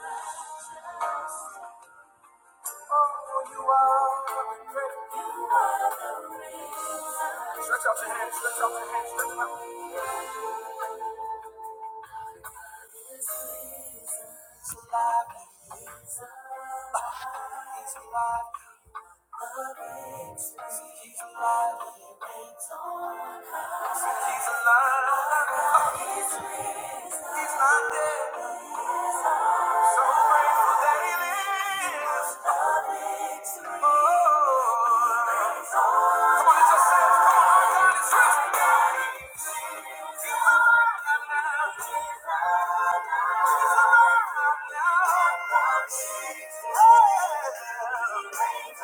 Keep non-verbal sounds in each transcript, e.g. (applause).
Oh, Stretch out your hands, stretch out your hands, stretch out. He's alive, he's alive, he's alive. He's alive, he waits on us. he's alive. He's not dead. So grateful that he lives. Oh.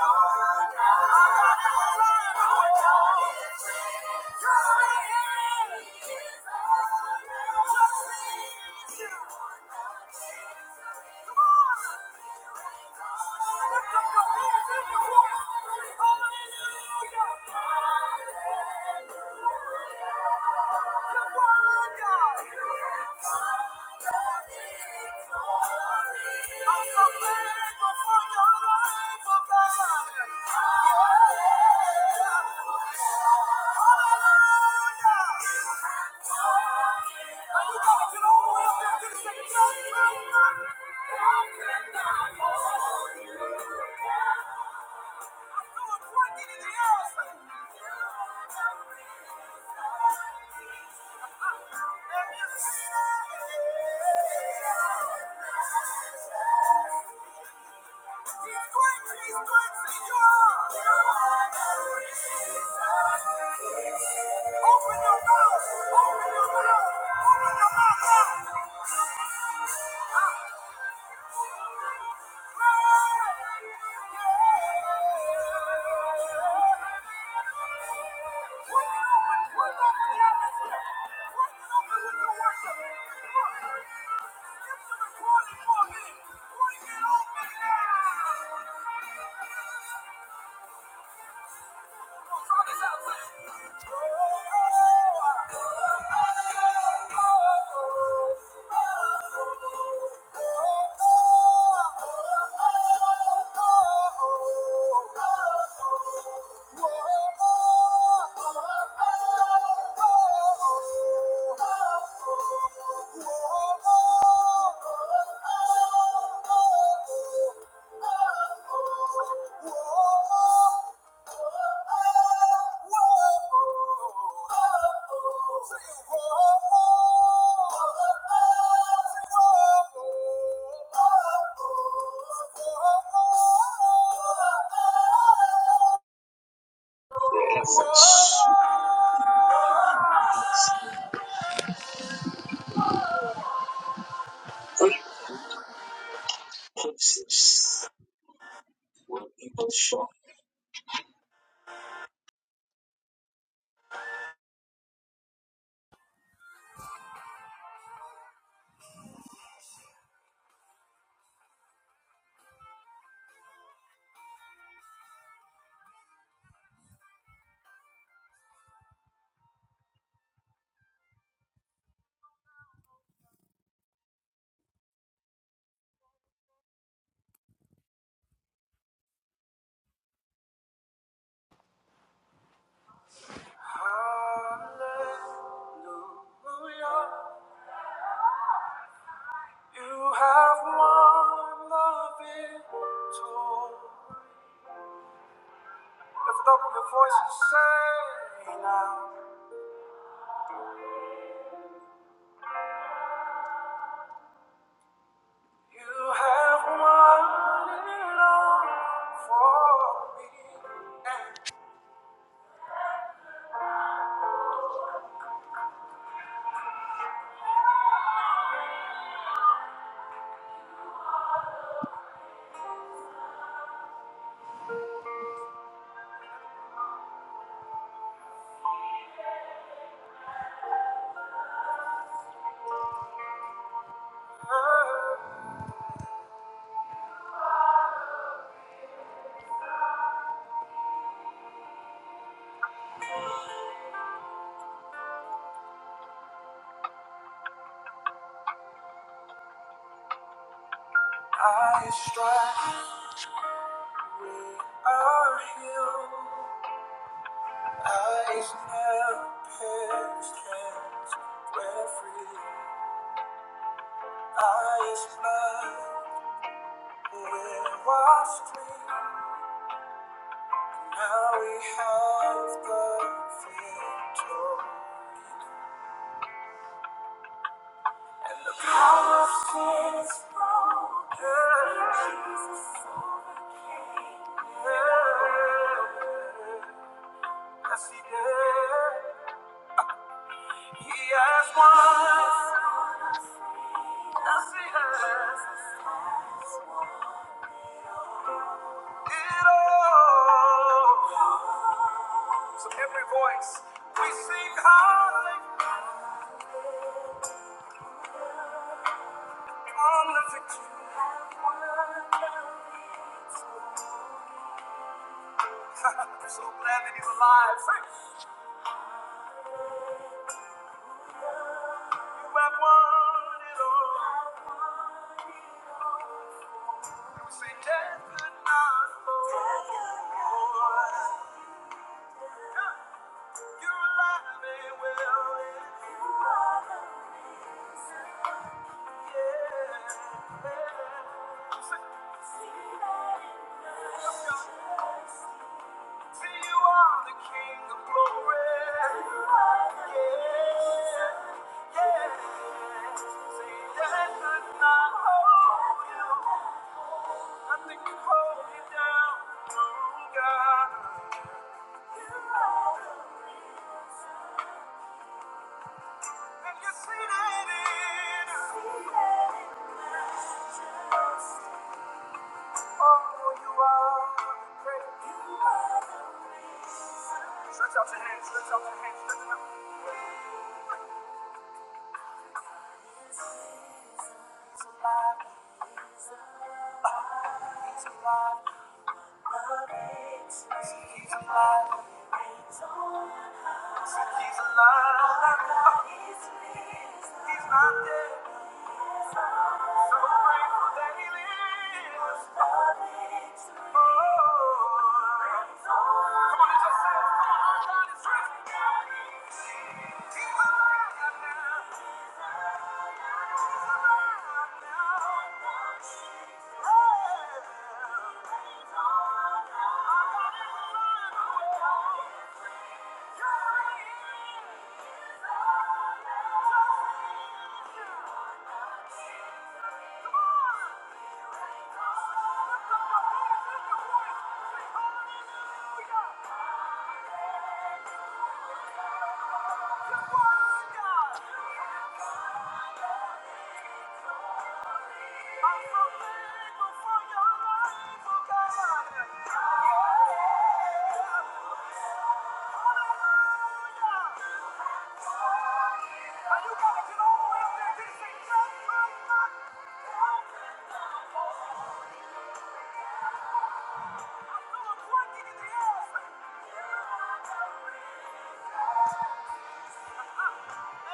Oh, Hallelujah! I'm Thank you. down? Open your mouth! Open your mouth! Open your mouth! Thank you. Oh, their efforts, yes, their purposes will be but short. you have won the victory. Lift up your voice and say now. You have won it all for me. I strive, we are healed. Eyes now past hands, we're free. Eyes blind, we're washed clean. Now we have the victory. Our sins, yeah, yeah. Yes, he has won. Yes, he has. It all. So every voice we sing high (laughs) on the victory. (laughs) We're so glad that he's alive. You have won it all. You say death could not hold. You're alive and well. Yeah. You say- See, you are the King of glory. Yeah. Yeah. Stretch out your hands, stretch out your hands, stretch them out. He's alive. He's alive. He's alive. He's not dead. So Come on and just say, come on, God is risen. He's alive now. He's alive now. Hey. Our God is alive.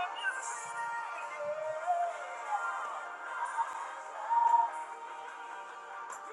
Thank you. Oh!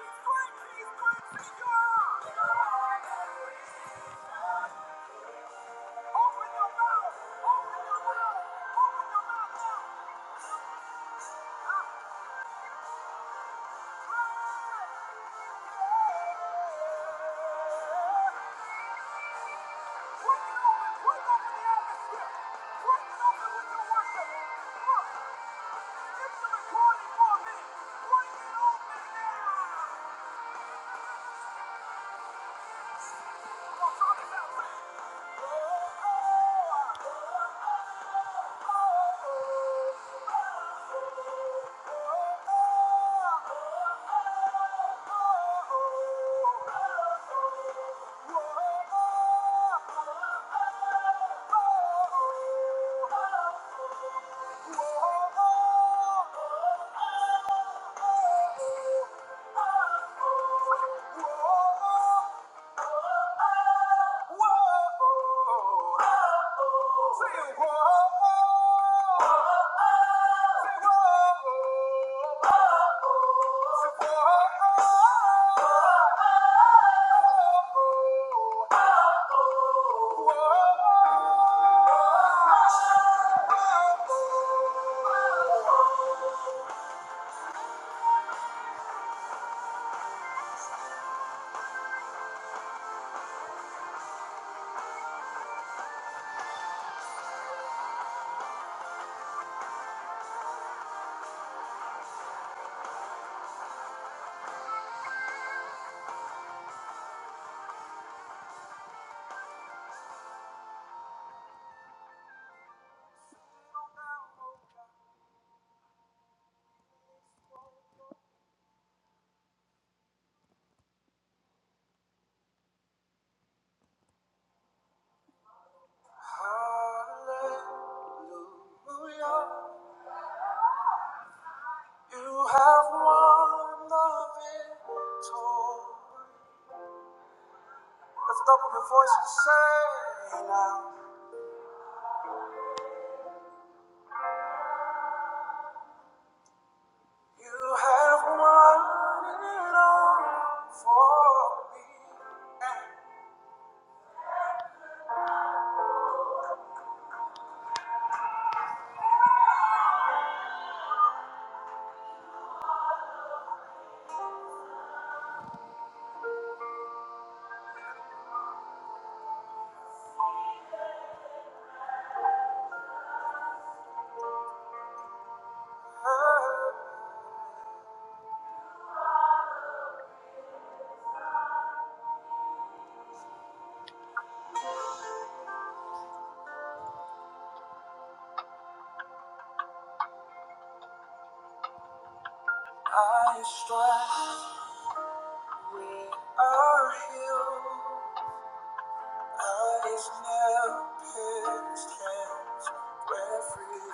Whoa! you have have won won the victory. Lift up your voice and say now, you have won it all For me and her. I strive, we are healed. I is now pierced, hands were free.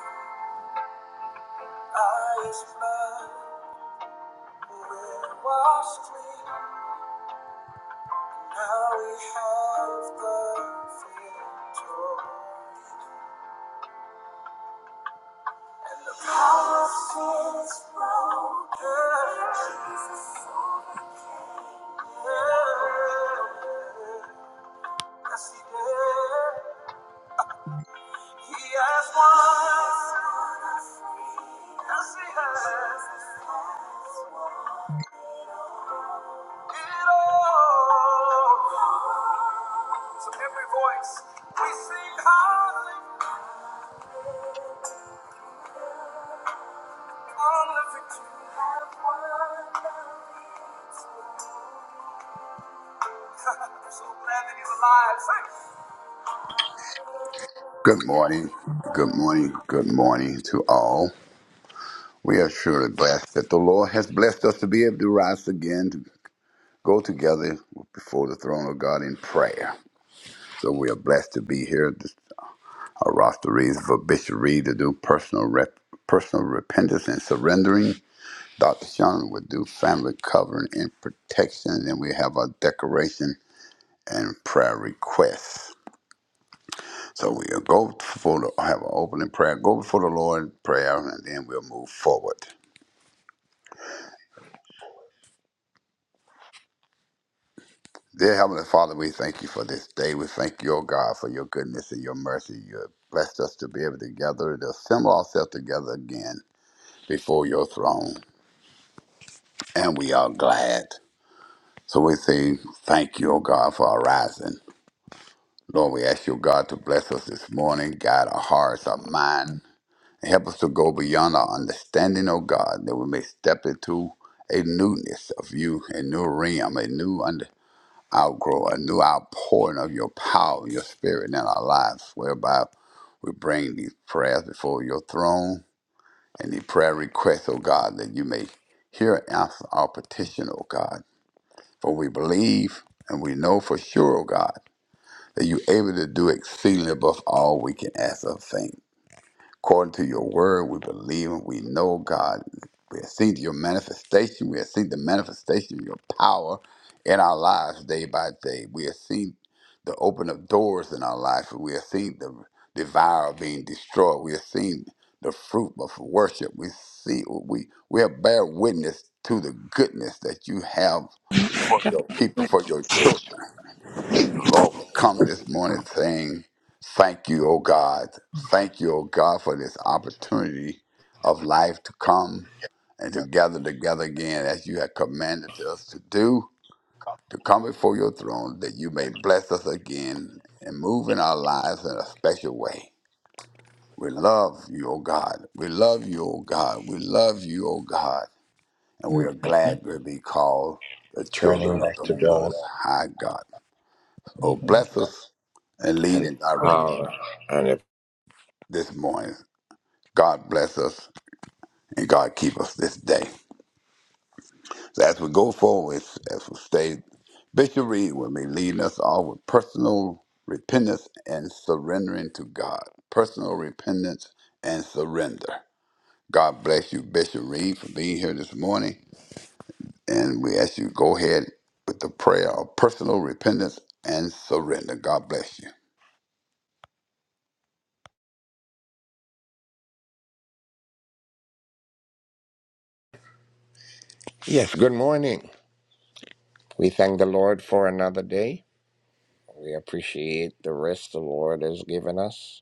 I is blood, we're washed clean. Now we have the victory. The power of sin is broken. Jesus overcame. Yeah. Yes, he did. He has won. Yes, he has. It all. So every voice we sing hallelujah on the victory. I'm (laughs) so glad that he's alive. Thank you. Good morning, good morning, good morning to all. We are surely blessed that the Lord has blessed us to be able to rise again, to go together before the throne of God in prayer. So we are blessed to be here. This- Our roster reads for Bishop Reed to do personal rep, personal repentance and surrendering. Dr. Sean would do family covering and protection. And then we have our decoration and prayer requests. So we'll go before the, have an opening prayer, go before the Lord in prayer, and then we'll move forward. Dear Heavenly Father, we thank you for this day. We thank you, O God, for your goodness and your mercy. You have blessed us to be able to gather, to assemble ourselves together again before your throne, and we are glad. So we say thank you, O God, for our rising. Lord, we ask you, God, to bless us this morning, guide our hearts, our mind, Help us to go beyond our understanding, O God, that we may step into a newness of you, a new realm, a new under, outgrow, a new outpouring of your power, your spirit in our lives, whereby we bring these prayers before your throne and the prayer requests, O God, that you may hear and answer our petition, O God. For we believe and we know for sure, O God, that you're able to do exceedingly above all we can ask or think. According to your word, we believe and we know, God. We have seen your manifestation. We have seen the manifestation of your power in our lives day by day. We have seen the open of doors in our life. We have seen the devourer being destroyed. We have seen the fruit of worship. We see we we have bear witness to the goodness that you have for your people, for your children. The Lord, we come this morning saying, Thank you, O God. Thank you, O God, for this opportunity of life to come and to gather together again as you have commanded us to do, to come before your throne, that you may bless us again and move in our lives in a special way. We love you, O God. We love you, O God. We love you, O God. And we are Okay. glad to be called the children turning of back the to God Most High God. Oh, hmm bless us and lead and and direct us power. And if, this morning. God bless us and God keep us this day. So as we go forward, as we stay, Bishop Reed will be leading us all with personal repentance and surrendering to God. Personal repentance and surrender. God bless you, Bishop Reed, for being here this morning. And we ask you to go ahead with the prayer of personal repentance and surrender. God bless you. yes, good morning. We thank the Lord for another day. We appreciate the rest the Lord has given us.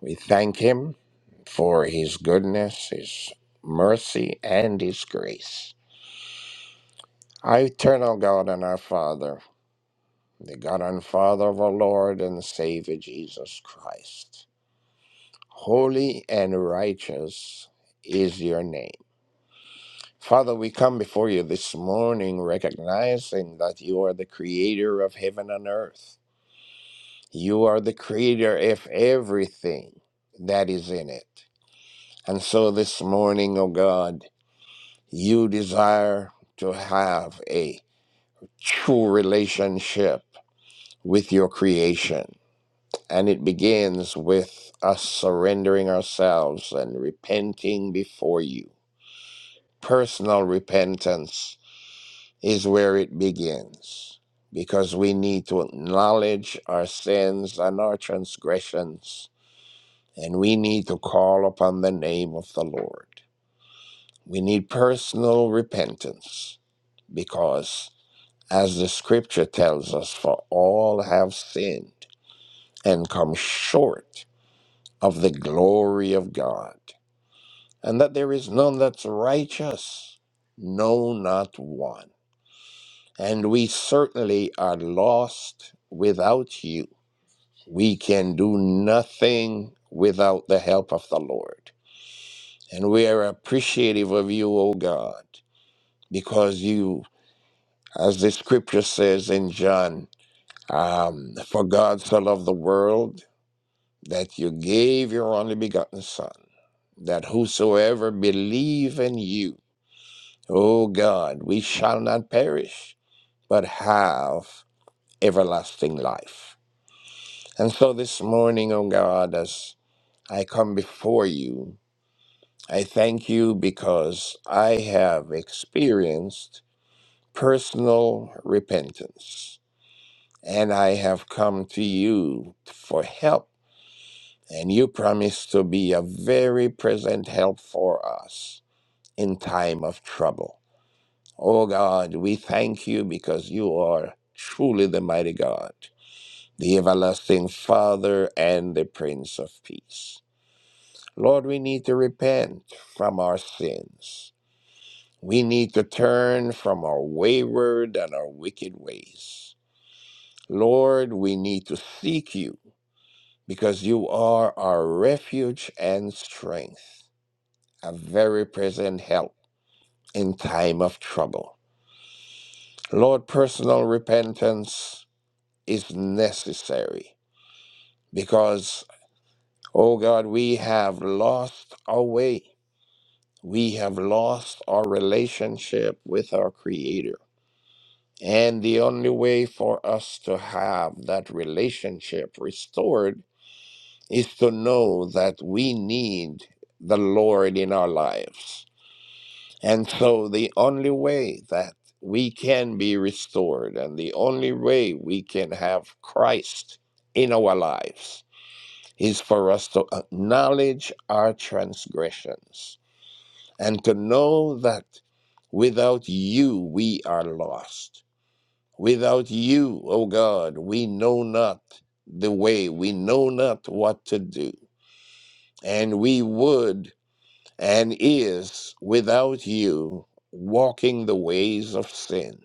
We thank Him for His goodness, His mercy, and His grace. Our eternal God and our Father, the God and Father of our Lord and Savior Jesus Christ, holy and righteous is your name. Father, we come before you this morning recognizing that you are the creator of heaven and earth. You are the creator of everything that is in it. And so this morning, O God, you desire to have a true relationship with your creation. And it begins with us surrendering ourselves and repenting before you. Personal repentance is where it begins because we need to acknowledge our sins and our transgressions, and we need to call upon the name of the Lord. We need personal repentance because, as the scripture tells us, for all have sinned and come short of the glory of God, and that there is none that's righteous, no, not one. And we certainly are lost without you. We can do nothing without the help of the Lord. And we are appreciative of you, O God, because you, as the scripture says in John, um, for God so loved the world that you gave your only begotten Son, that whosoever believe in you, O God, we shall not perish, but have everlasting life. And so this morning, O God, as I come before you, I thank you because I have experienced personal repentance and I have come to you for help. And you promise to be a very present help for us in time of trouble. O God, we thank you because you are truly the mighty God, the everlasting Father, and the Prince of Peace. Lord, we need to repent from our sins. We need to turn from our wayward and our wicked ways. Lord, we need to seek you because you are our refuge and strength, a very present help in time of trouble. Lord, personal repentance is necessary because, oh God, we have lost our way. We have lost our relationship with our Creator. And the only way for us to have that relationship restored is to know that we need the Lord in our lives. And so the only way that we can be restored and the only way we can have Christ in our lives is for us to acknowledge our transgressions and to know that without you we are lost Without you, O God, we know not the way, we know not what to do. And we would and is without you walking the ways of sin.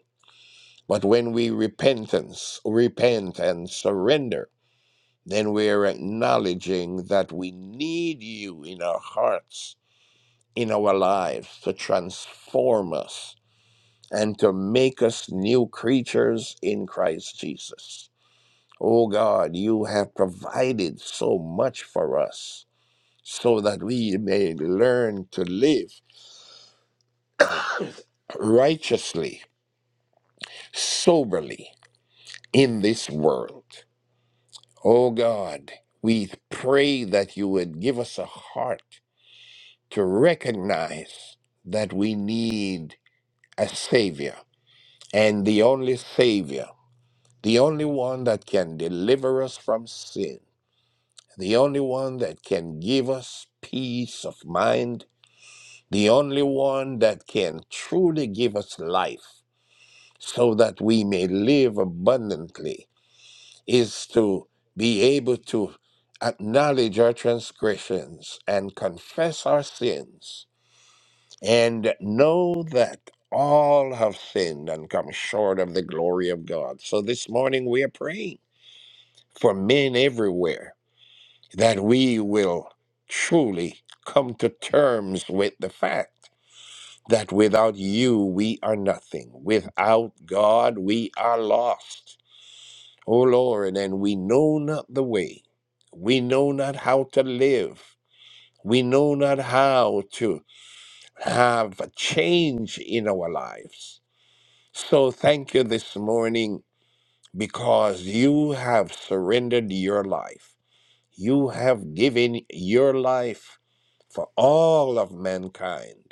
But when we repentance, repent and surrender, then we are acknowledging that we need you in our hearts, in our lives, to transform us and to make us new creatures in Christ Jesus. Oh God, you have provided so much for us so that we may learn to live righteously, soberly in this world. Oh God, we pray that you would give us a heart to recognize that we need a Savior and the only Savior, the only one that can deliver us from sin, the only one that can give us peace of mind the only one that can truly give us life so that we may live abundantly is to be able to acknowledge our transgressions and confess our sins and know that all have sinned and come short of the glory of God. So this morning we are praying for men everywhere that we will truly come to terms with the fact. that without you we are nothing. Without God we are lost. O Lord, and we know not the way. We know not how to live. We know not how to have a change in our lives. So thank you this morning because you have surrendered your life. You have given your life for all of mankind.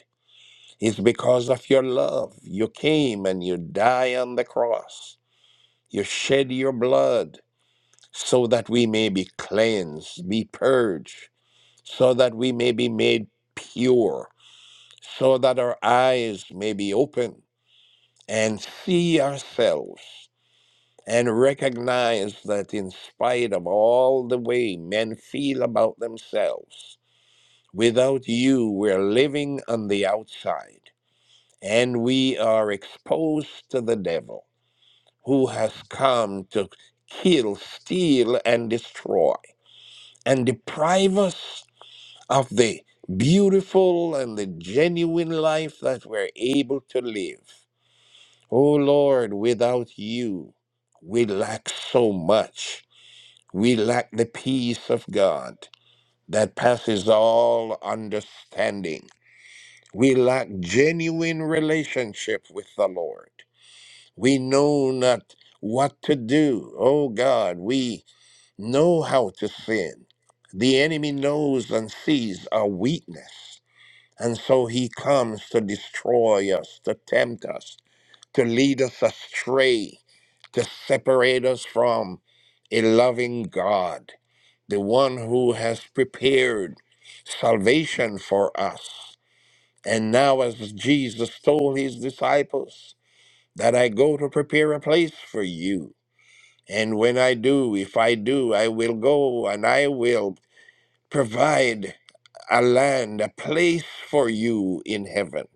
It's because of your love. You came and you die on the cross. You shed your blood so that we may be cleansed, be purged, so that we may be made pure, so that our eyes may be open and see ourselves and recognize that in spite of all the way men feel about themselves, without you, we're living on the outside. and we are exposed to the devil who has come to kill, steal, and destroy and deprive us of the beautiful and the genuine life that we're able to live. Oh Lord, without you, we lack so much. We lack the peace of God that passes all understanding. We lack genuine relationship with the Lord. We know not what to do. Oh God, we know how to sin. The enemy knows and sees our weakness. And so he comes to destroy us, to tempt us, to lead us astray, to separate us from a loving God, the one who has prepared salvation for us. And now, as Jesus told his disciples, that I go to prepare a place for you. And when I do, if I do, I will go and I will provide a land, a place for you in heaven.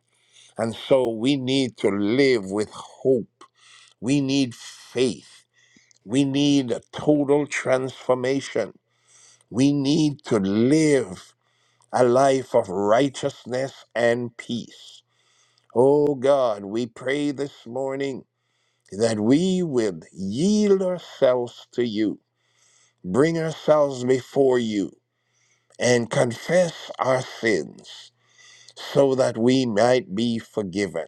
And so we need to live with hope. We need faith. We need a total transformation. We need to live a life of righteousness and peace. Oh God, we pray this morning that we will yield ourselves to you, bring ourselves before you, and confess our sins so that we might be forgiven.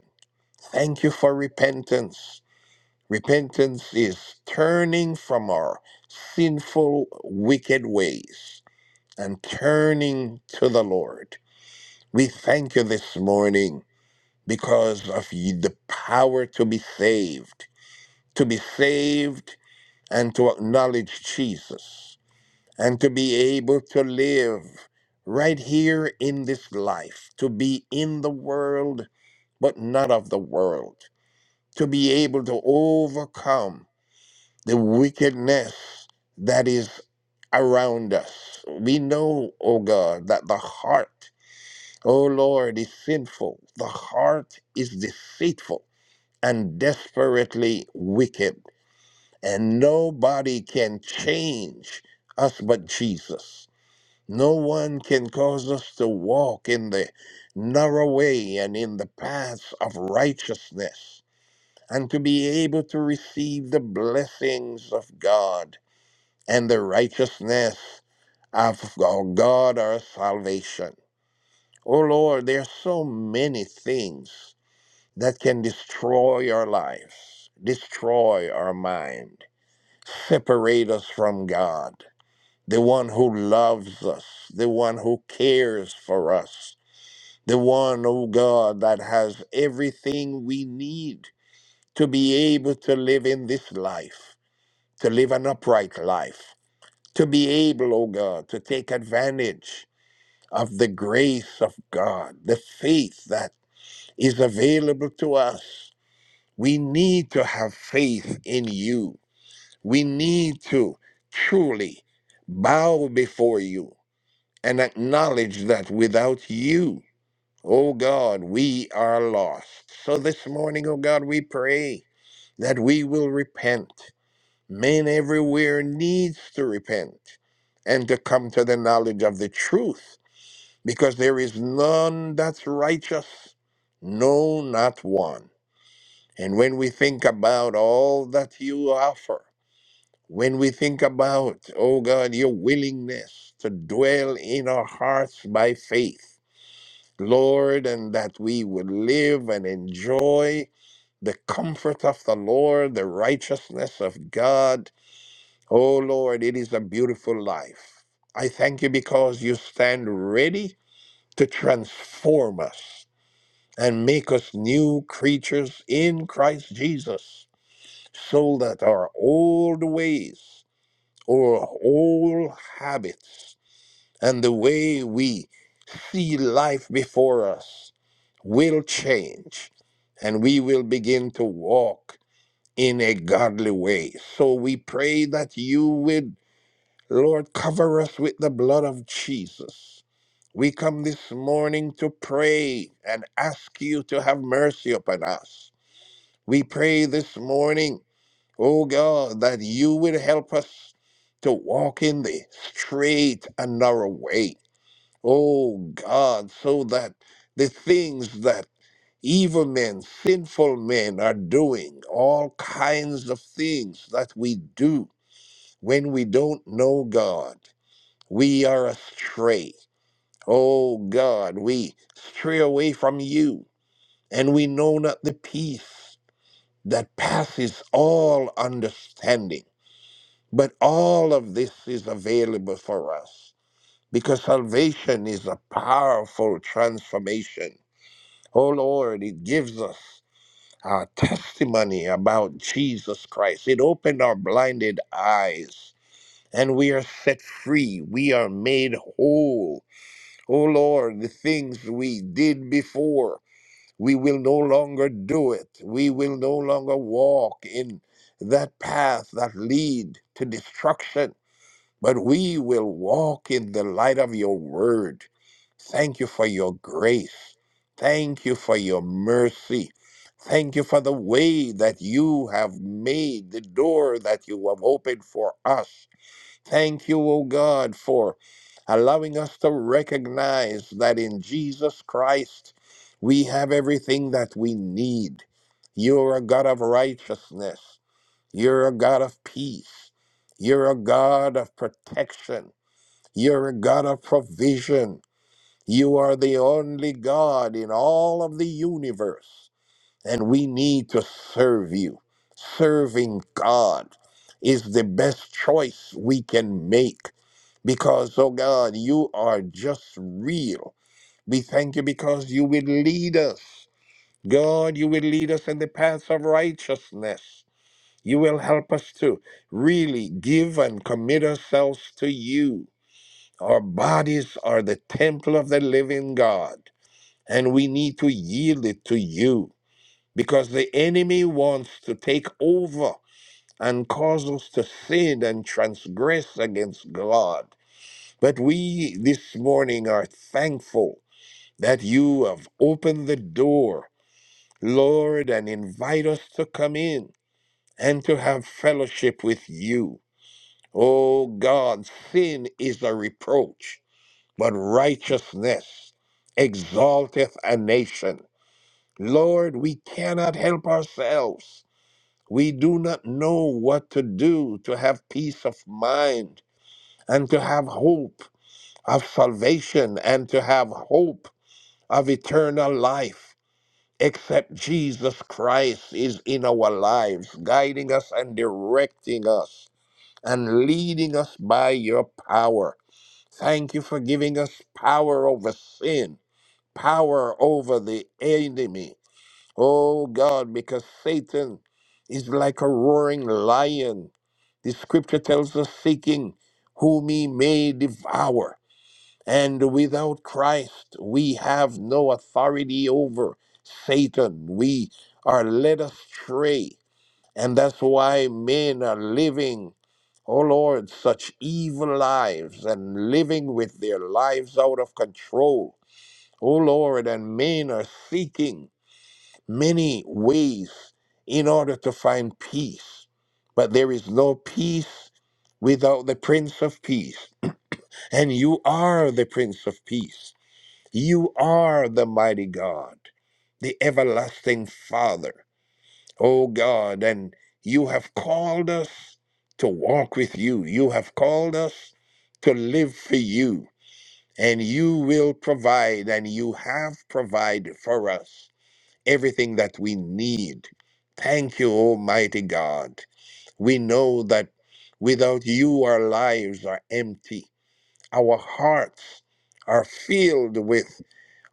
Thank you for repentance. Repentance is turning from our sinful, wicked ways and turning to the Lord. We thank you this morning because of you- the power to be saved, to be saved and to acknowledge Jesus and to be able to live right here in this life, to be in the world but not of the world, to be able to overcome the wickedness that is around us. We know, oh God, that the heart, oh Lord, is sinful. The heart is deceitful and desperately wicked. And nobody can change us but Jesus. No one can cause us to walk in the narrow way and in the paths of righteousness and to be able to receive the blessings of God and the righteousness of our God, our salvation. Oh Lord, there are so many things that can destroy our lives, destroy our mind separate us from God. The one who loves us, the one who cares for us, the one, oh God, that has everything we need to be able to live in this life, to live an upright life, to be able, oh God, to take advantage of the grace of God, the faith that is available to us. We need to have faith in you. We need to truly bow before you and acknowledge that without you, oh God, we are lost. So this morning, oh God, we pray that we will repent. Men everywhere needs to repent and to come to the knowledge of the truth because there is none that's righteous. No, not one. And when we think about all that you offer, when we think about, oh God, your willingness to dwell in our hearts by faith, Lord, and that we would live and enjoy the comfort of the Lord, the righteousness of God, oh Lord, it is a beautiful life. I thank you because you stand ready to transform us and make us new creatures in Christ Jesus so that our old ways our whole habits and the way we see life before us will change and we will begin to walk in a godly way. So we pray that you would, Lord, cover us with the blood of Jesus. We come this morning to pray and ask you to have mercy upon us. We pray this morning Oh God, that you will help us to walk in the straight and narrow way. Oh God, so that the things that evil men, sinful men are doing, all kinds of things that we do when we don't know God, we are astray. Oh God, we stray away from you and we know not the peace that passes all understanding. But all of this is available for us because salvation is a powerful transformation. Oh Lord, it gives us our testimony about Jesus Christ. It opened our blinded eyes and we are set free. We are made whole. Oh Lord, the things we did before, we will no longer do it. We will no longer walk in that path that lead to destruction but we will walk in the light of your word. Thank you for your grace. Thank you for your mercy. Thank you for the way that you have made, the door that you have opened for us. Thank you, O God, for allowing us to recognize that in Jesus Christ we have everything that we need. You're a God of righteousness. You're a God of peace. You're a God of protection. You're a God of provision. You are the only God in all of the universe. And we need to serve you. Serving God is the best choice we can make because, oh God, you are just real. We thank you because you will lead us. God, you will lead us in the paths of righteousness. You will help us to really give and commit ourselves to you. Our bodies are the temple of the living God, and we need to yield it to you because the enemy wants to take over and cause us to sin and transgress against God. But we this morning are thankful that you have opened the door, Lord, and invite us to come in and to have fellowship with you. Oh God, sin is a reproach. but righteousness exalteth a nation. Lord, we cannot help ourselves. We do not know what to do to have peace of mind and to have hope of salvation and to have hope of eternal life, except Jesus Christ is in our lives, guiding us and directing us and leading us by your power. Thank you for giving us power over sin power over the enemy. Oh God, because Satan is like a roaring lion. The scripture tells us seeking whom he may devour. And without Christ, we have no authority over Satan. We are led astray. And that's why men are living, oh Lord, such evil lives and living with their lives out of control O Lord, and men are seeking many ways in order to find peace. But there is no peace without the Prince of Peace. And you are the Prince of Peace. You are the mighty God, the everlasting Father, O God. And you have called us to walk with you. You have called us to live for you. And you will provide, and you have provided for us everything that we need. Thank you, Almighty God. We know that without you, our lives are empty. Our hearts are filled with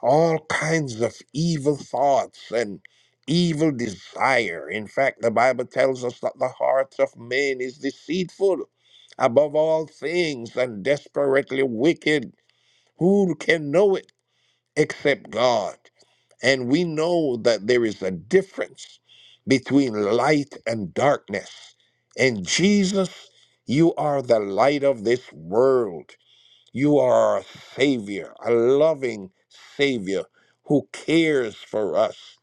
all kinds of evil thoughts and evil desire. In fact, the Bible tells us that the heart of man is deceitful above all things and desperately wicked. Who can know it? except God. And we know that there is a difference between light and darkness. And Jesus, you are the light of this world. You are a Savior, a loving Savior who cares for us.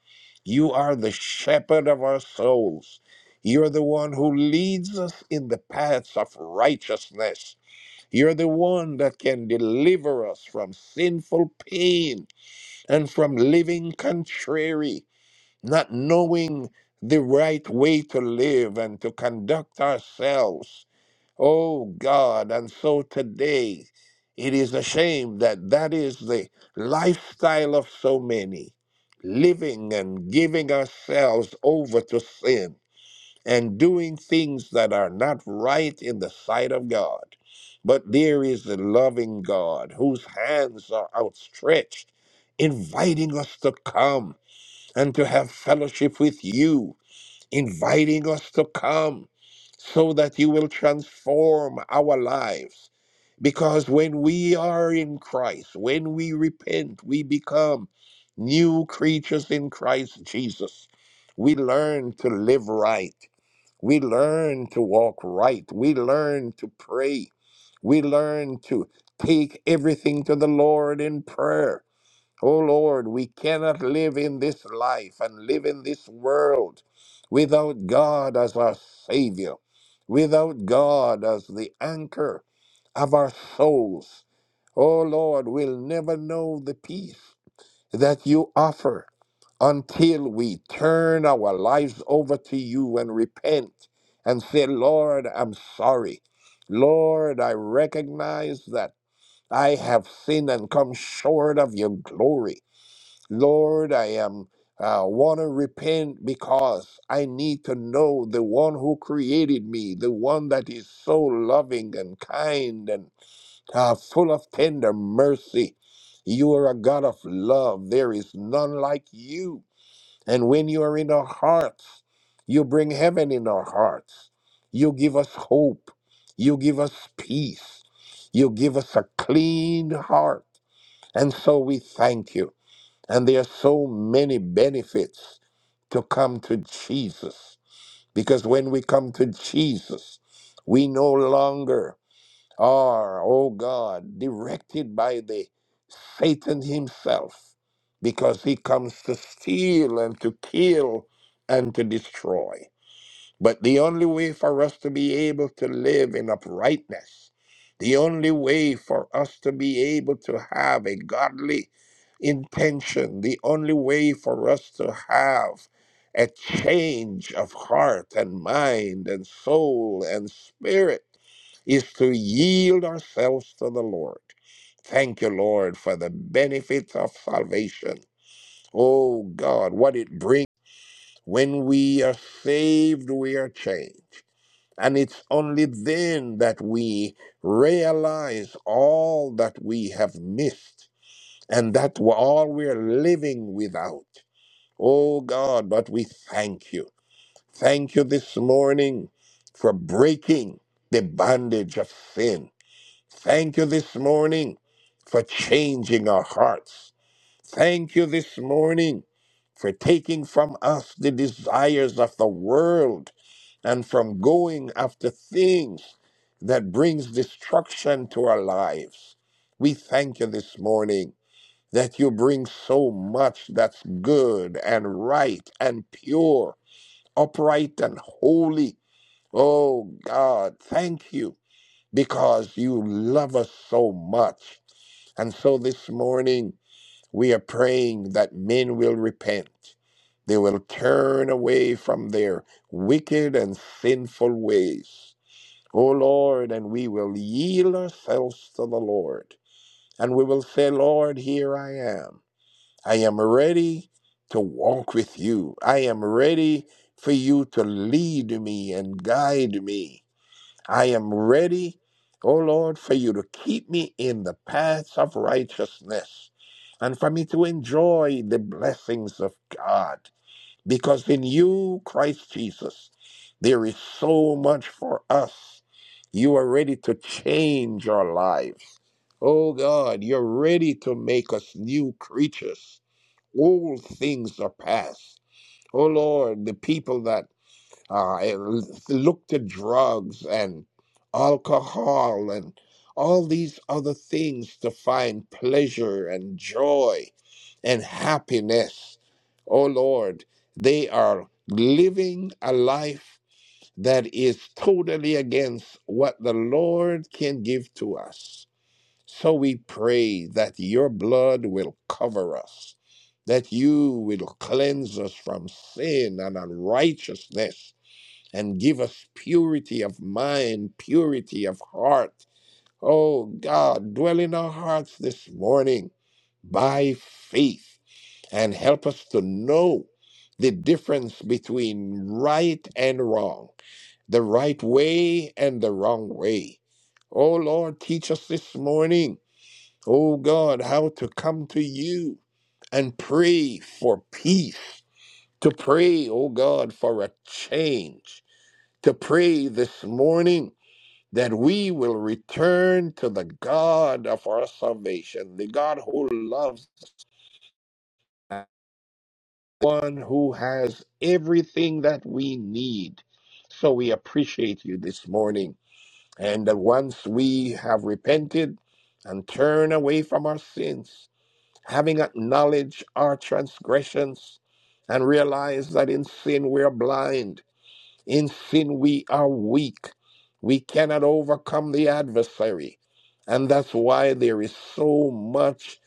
You are the shepherd of our souls. You're the one who leads us in the paths of righteousness. You're the one that can deliver us from sinful pain and from living contrary, not knowing the right way to live and to conduct ourselves. Oh God, and so today it is a shame that that is the lifestyle of so many, living and giving ourselves over to sin and doing things that are not right in the sight of God. But there is a loving God whose hands are outstretched, inviting us to come and to have fellowship with you, inviting us to come so that you will transform our lives. Because when we are in Christ, when we repent, we become new creatures in Christ Jesus. We learn to live right. We learn to walk right. We learn to pray. We learn to take everything to the Lord in prayer. Oh Lord, we cannot live in this life and live in this world without God as our Savior, without God as the anchor of our souls. Oh Lord, we'll never know the peace that you offer until we turn our lives over to you and repent and say, Lord, I'm sorry. Lord, I recognize that I have sinned and come short of your glory. Lord, I am uh, want to repent because I need to know the one who created me, the one that is so loving and kind uh, full of tender mercy. You are a God of love. There is none like you. And when you are in our hearts, you bring heaven in our hearts. You give us hope. You give us peace. You give us a clean heart. And so we thank you. And there are so many benefits to come to Jesus. Because when we come to Jesus, we no longer are, oh God, directed by the Satan himself, because he comes to steal and to kill and to destroy. But the only way for us to be able to live in uprightness, the only way for us to be able to have a godly intention, the only way for us to have a change of heart and mind and soul and spirit is to yield ourselves to the Lord. Thank you, Lord, for the benefits of salvation. Oh God, what it brings. When we are saved, we are changed. And it's only then that we realize all that we have missed and that we're all we're living without. Oh God, but we thank you. Thank you this morning for breaking the bondage of sin Thank you this morning for changing our hearts. Thank you this morning for taking from us the desires of the world and from going after things that brings destruction to our lives. We thank you this morning that you bring so much that's good and right and pure, upright and holy. Oh God, thank you because you love us so much. And so this morning, we are praying that men will repent. They will turn away from their wicked and sinful ways. O Lord, and we will yield ourselves to the Lord. And we will say, Lord, here I am. I am ready to walk with you. I am ready for you to lead me and guide me. I am ready, O Lord, for you to keep me in the paths of righteousness and for me to enjoy the blessings of God. Because in you, Christ Jesus, there is so much for us. You are ready to change our lives. Oh God, you're ready to make us new creatures. All things are past. Oh Lord, the people that uh, it looked at drugs and alcohol and all these other things to find pleasure and joy and happiness. Oh Lord, they are living a life that is totally against what the Lord can give to us. So we pray that your blood will cover us, that you will cleanse us from sin and unrighteousness and give us purity of mind, purity of heart. Oh God, dwell in our hearts this morning by faith and help us to know the difference between right and wrong, the right way and the wrong way. Oh Lord, teach us this morning, oh God, how to come to you and pray for peace, to pray, oh God, for a change to pray this morning that we will return to the God of our salvation, the God who loves us, the one who has everything that we need. So we appreciate you this morning. And that once we have repented and turned away from our sins, having acknowledged our transgressions and realized that in sin we are blind, In sin, we are weak. We cannot overcome the adversary. And that's why there is so much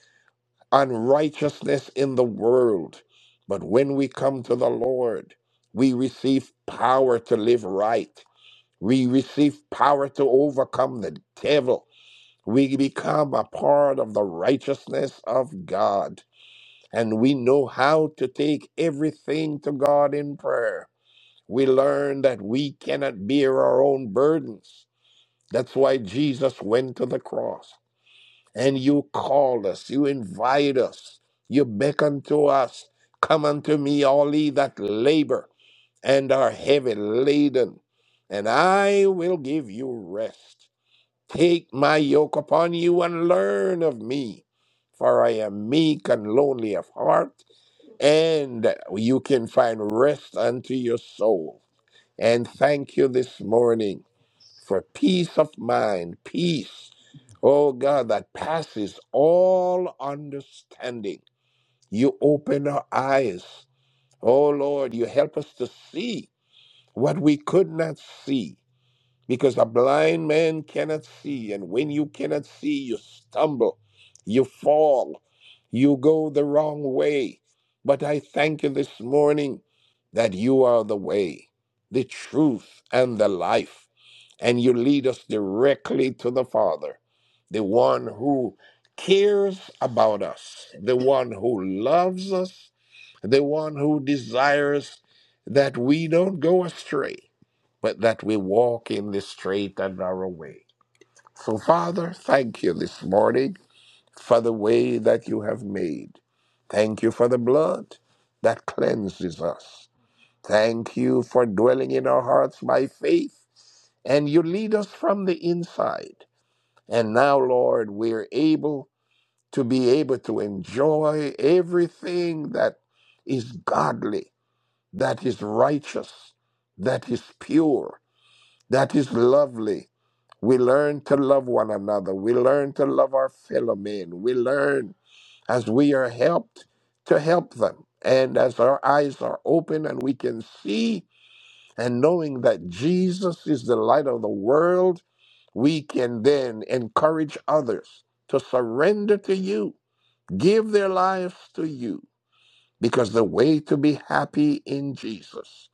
unrighteousness in the world. But when we come to the Lord, we receive power to live right. We receive power to overcome the devil. We become a part of the righteousness of God. And we know how to take everything to God in prayer we learn that we cannot bear our own burdens. That's why Jesus went to the cross. And you call us, you invite us, you beckon to us. Come unto me, all ye that labor and are heavy laden, and I will give you rest. Take my yoke upon you and learn of me, for I am meek and lowly of heart, and you can find rest unto your soul. And thank you this morning for peace of mind, peace, oh God, that passes all understanding. You open our eyes. Oh Lord, you help us to see what we could not see because a blind man cannot see and when you cannot see you stumble you fall you go the wrong way but i thank you this morning that you are the way the truth and the life and you lead us directly to the father the one who cares about us the one who loves us the one who desires that we don't go astray but that we walk in the straight and narrow way. So, Father, thank you this morning for the way that you have made. Thank you for the blood that cleanses us. Thank you for dwelling in our hearts by faith, and you lead us from the inside. And now, Lord, we're able to be able to enjoy everything that is godly, that is righteous, that is pure, That is lovely. We learn to love one another. We learn to love our fellow men. We learn as we are helped to help them. And as our eyes are open and we can see, and knowing that Jesus is the light of the world, we can then encourage others to surrender to you, give their lives to you. Because the way to be happy in Jesus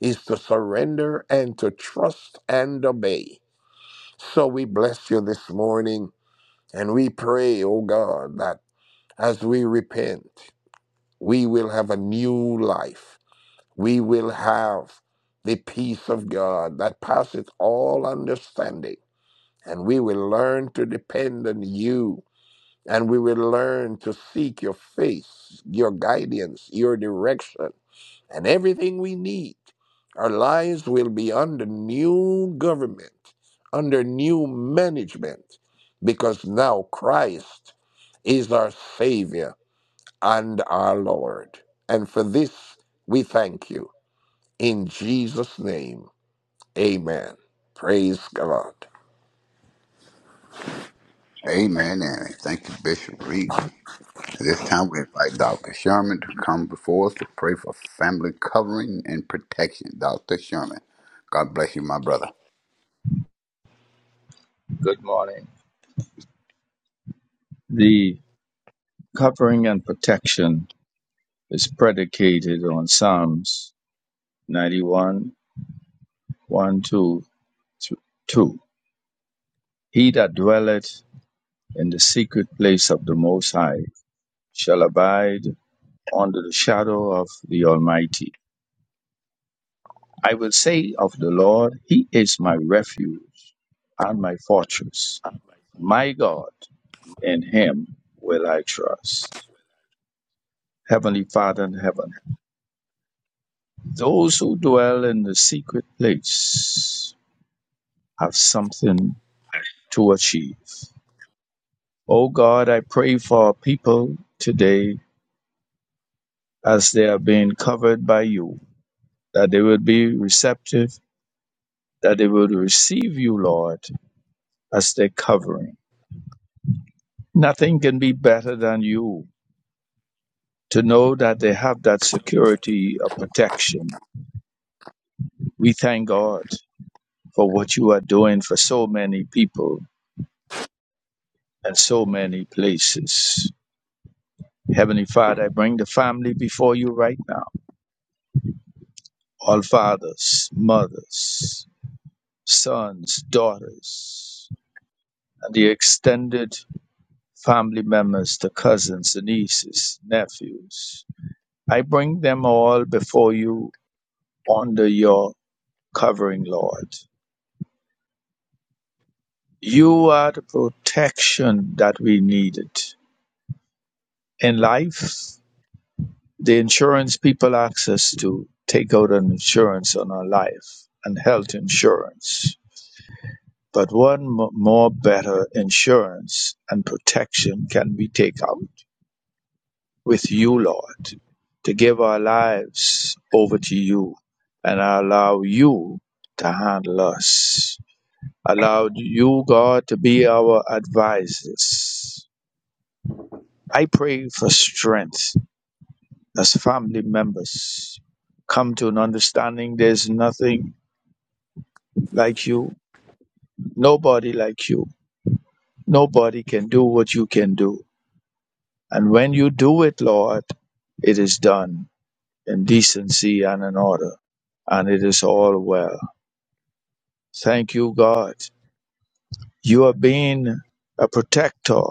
is to surrender and to trust and obey. So we bless you this morning and we pray, oh God, that as we repent, we will have a new life. We will have the peace of God that passeth all understanding. And we will learn to depend on you. And we will learn to seek your face, your guidance, your direction and everything we need. Our lives will be under new government, under new management, because now Christ is our Savior and our Lord. And for this, we thank you. In Jesus' name, amen. Praise God. Amen. And thank you, Bishop Reed. At this time, we invite Dr. Sherman to come before us to pray for family covering and protection. Dr. Sherman, God bless you, my brother. Good morning. The covering and protection is predicated on Psalms 91, 1, 2. th- two. He that dwelleth in the secret place of the Most High shall abide under the shadow of the Almighty. I will say of the Lord, He is my refuge and my fortress, my God. in him will I trust. Heavenly Father in heaven, those who dwell in the secret place have something to achieve. O God, I pray for our people today as they are being covered by you, that they will be receptive, that they will receive you, Lord, as their covering. Nothing can be better than you to know that they have that security of protection. We thank God for what you are doing for so many people and so many places. Heavenly Father, I bring the family before you right now. All fathers, mothers, sons, daughters, and the extended family members, the cousins, the nieces, nephews. I bring them all before you under your covering, Lord. You are the protection that we needed in life the insurance people ask us to take out an insurance on our life and health insurance. But one m- more better insurance and protection can we take out with you, Lord, to give our lives over to you and allow you to handle us. Allow you, God, to be our advisors. I pray for strength as family members come to an understanding there's nothing like you, nobody like you. Nobody can do what you can do. And when you do it, Lord, it is done in decency and in order, and it is all well. Thank you, God. You have been a protector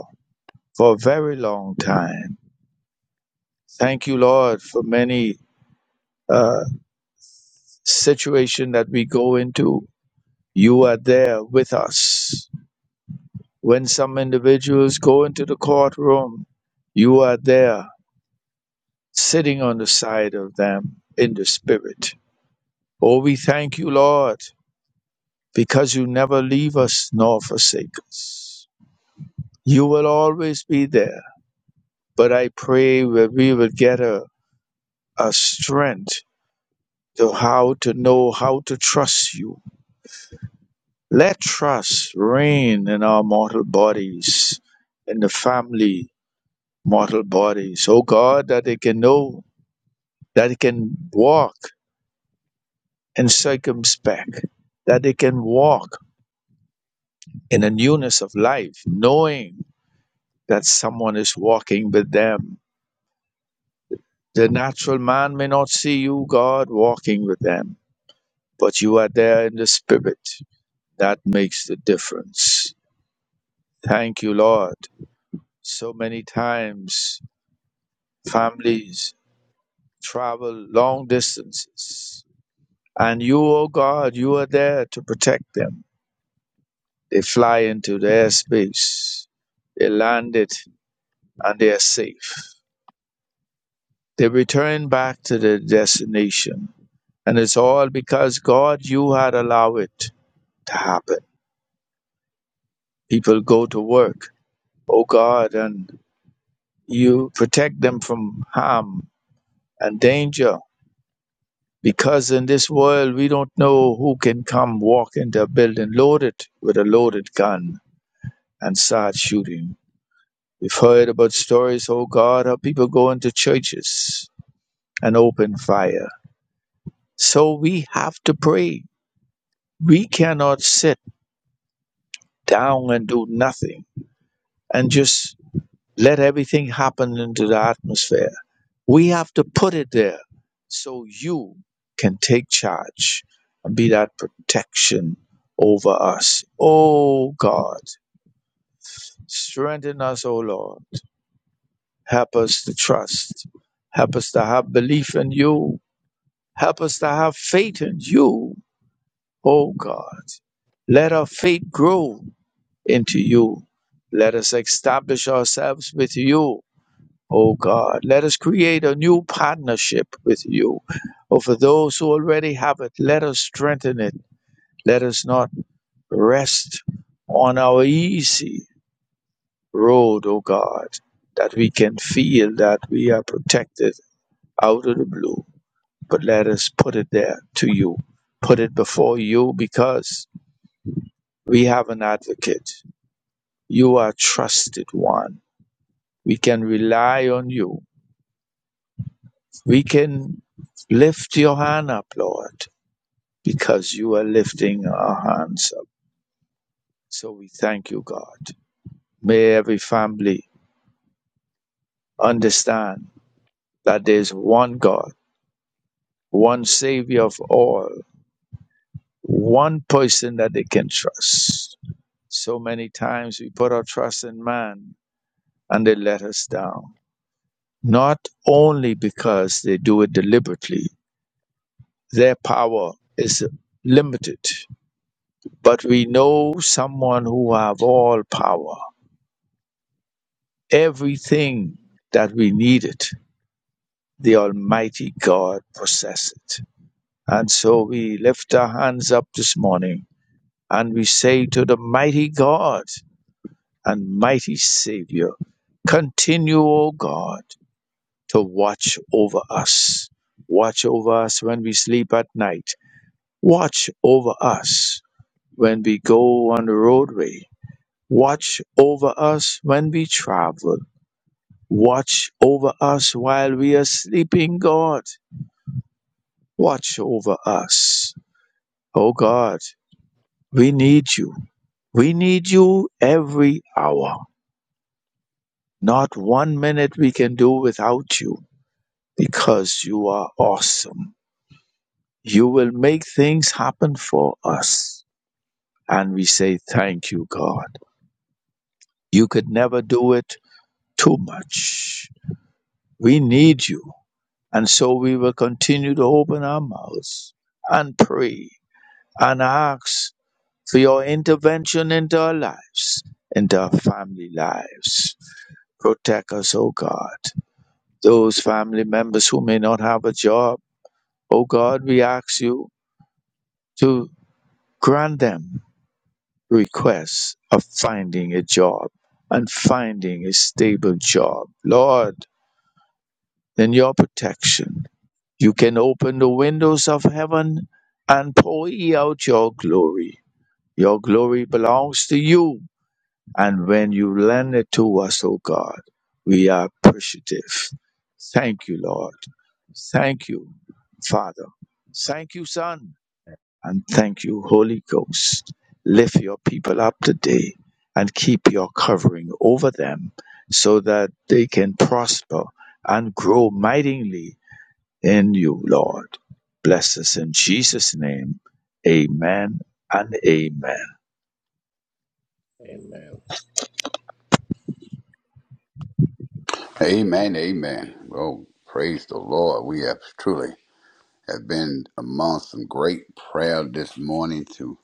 for a very long time. Thank you, Lord, for many uh, situation that we go into. You are there with us When some individuals go into the courtroom, you are there sitting on the side of them in the spirit. Oh, we thank you, Lord, because you never leave us nor forsake us. You will always be there. But I pray that we will get a, a strength to how to know how to trust you. Let trust reign in our mortal bodies, in the family mortal bodies. Oh God, that they can know that they can walk in circumspect, that they can walk in a newness of life, knowing that someone is walking with them. The natural man may not see you, God, walking with them, but you are there in the spirit. That makes the difference. Thank you, Lord. So many times families travel long distances, and you, oh God, you are there to protect them They fly into the airspace. They landed and they are safe. They return back to their destination. And it's all because God, you had allowed it to happen. People go to work, oh God, and you protect them from harm and danger. Because in this world, we don't know who can come walk into a building loaded with a loaded gun and start shooting. We've heard about stories, oh God, how people go into churches an open fire. So we have to pray. We cannot sit down and do nothing and just let everything happen into the atmosphere. We have to put it there so you can take charge and be that protection over us. Oh God, strengthen us, oh Lord. Help us to trust. Help us to have belief in you. Help us to have faith in you O God, let our faith grow into you. Let us establish ourselves with you, O God. Let us create a new partnership with you. Or for those who already have it, let us strengthen it. Let us not rest on our easy road, O God, that we can feel that we are protected out of the blue. But let us put it there to you. Put it before you because we have an advocate You are trusted one. We can rely on you. We can lift your hand up, Lord, because you are lifting our hands up. So we thank you, God. May every family understand that there is one God, one Savior of all, one person that they can trust. So many times we put our trust in man and they let us down, not only because they do it deliberately their power is limited. But we know someone who have all power. Everything that we needed, the Almighty God possessed. And so we lift our hands up this morning and we say to the mighty God and mighty Savior, continue, O God, to watch over us. Watch over us when we sleep at night. Watch over us when we go on the roadway Watch over us when we travel. Watch over us while we are sleeping, God. Watch over us. Oh God, we need you. We need you every hour. Not one minute we can do without you because you are awesome. You will make things happen for us. And we say thank you, God. You could never do it too much. We need you. And so we will continue to open our mouths and pray and ask for your intervention into our lives, into our family lives. Protect us, O God. Those family members who may not have a job, O God, we ask you to grant them requests of finding a job and finding a stable job. Lord, Than your protection. You can open the windows of heaven and pour ye out your glory. Your glory belongs to you. And when you lend it to us, O God, we are appreciative. Thank you, Lord. Thank you, Father. Thank you, Son. And thank you, Holy Ghost. Lift your people up today and keep your covering over them so that they can prosper and grow mightily in you, Lord. Bless us in Jesus' name. Amen and amen. Amen. Amen, amen. Well, praise the Lord. We have truly have been among some great prayer this morning to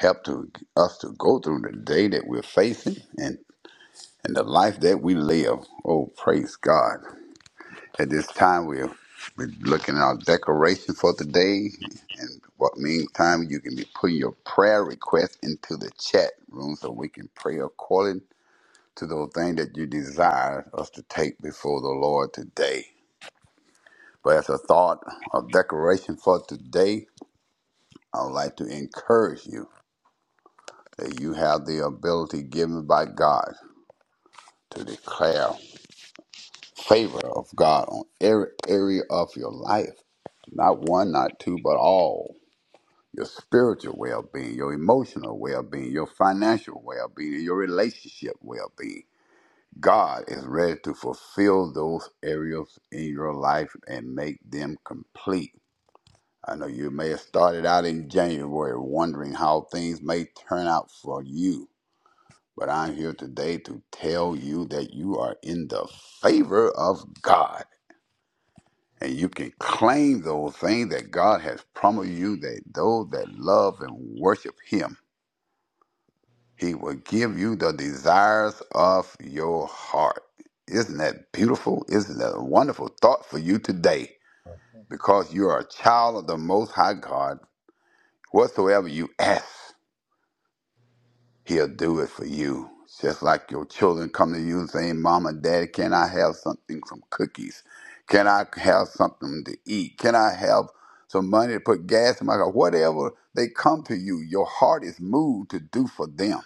help to us to go through the day that we're facing and and the life that we live. Oh, praise God. At this time, we're, we're looking at our declaration for the day. And what meantime, you can be putting your prayer request into the chat room so we can pray according to those things that you desire us to take before the Lord today. But as a thought of declaration for today, I would like to encourage you that you have the ability given by God to declare favor of God on every area of your life. Not one, not two, but all your spiritual well being, your emotional well being, your financial well being, and your relationship well being. God is ready to fulfill those areas in your life and make them complete. I know you may have started out in January wondering how things may turn out for you, but I'm here today to tell you that you are in the favor of God. And you can claim those things that God has promised you that those that love and worship Him He will give you the desires of your heart. Isn't that beautiful? Isn't that a wonderful thought for you today? Because you are a child of the Most High God. Whatsoever you ask, He'll do it for you. Just like your children come to you saying, Mom and Daddy, can I have something, some cookies? Can I have something to eat? Can I have some money to put gas in my car? Whatever they come to you, your heart is moved to do for them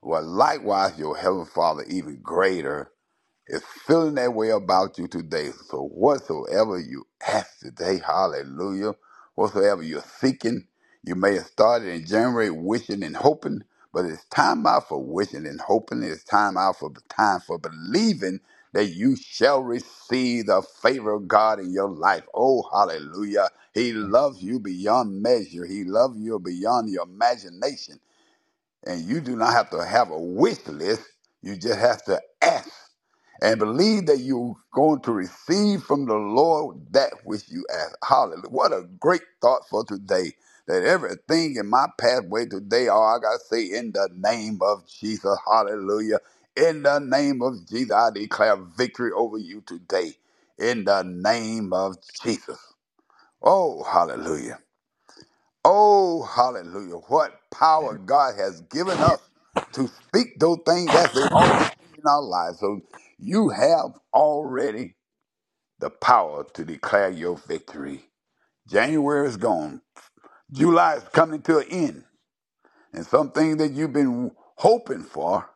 Well, likewise, your heavenly Father, even greater, is feeling that way about you today. So, whatsoever you ask today, hallelujah, whatsoever you're seeking, you may have started in January wishing and hoping, but it's time out for wishing and hoping. It's time out for time for believing that you shall receive the favor of God in your life. Oh, hallelujah. He loves you beyond measure. He loves you beyond your imagination. And you do not have to have a wish list. You just have to ask and believe that you're going to receive from the Lord that which you ask. Hallelujah. What a great thought for today. That everything in my pathway today, all I got to say, in the name of Jesus, hallelujah. In the name of Jesus, I declare victory over you today. In the name of Jesus. Oh, hallelujah. Oh, hallelujah. What power God has given us to speak those things as they ought to be in our lives. So you have already the power to declare your victory. January is gone. July is coming to an end. And some things that you've been hoping for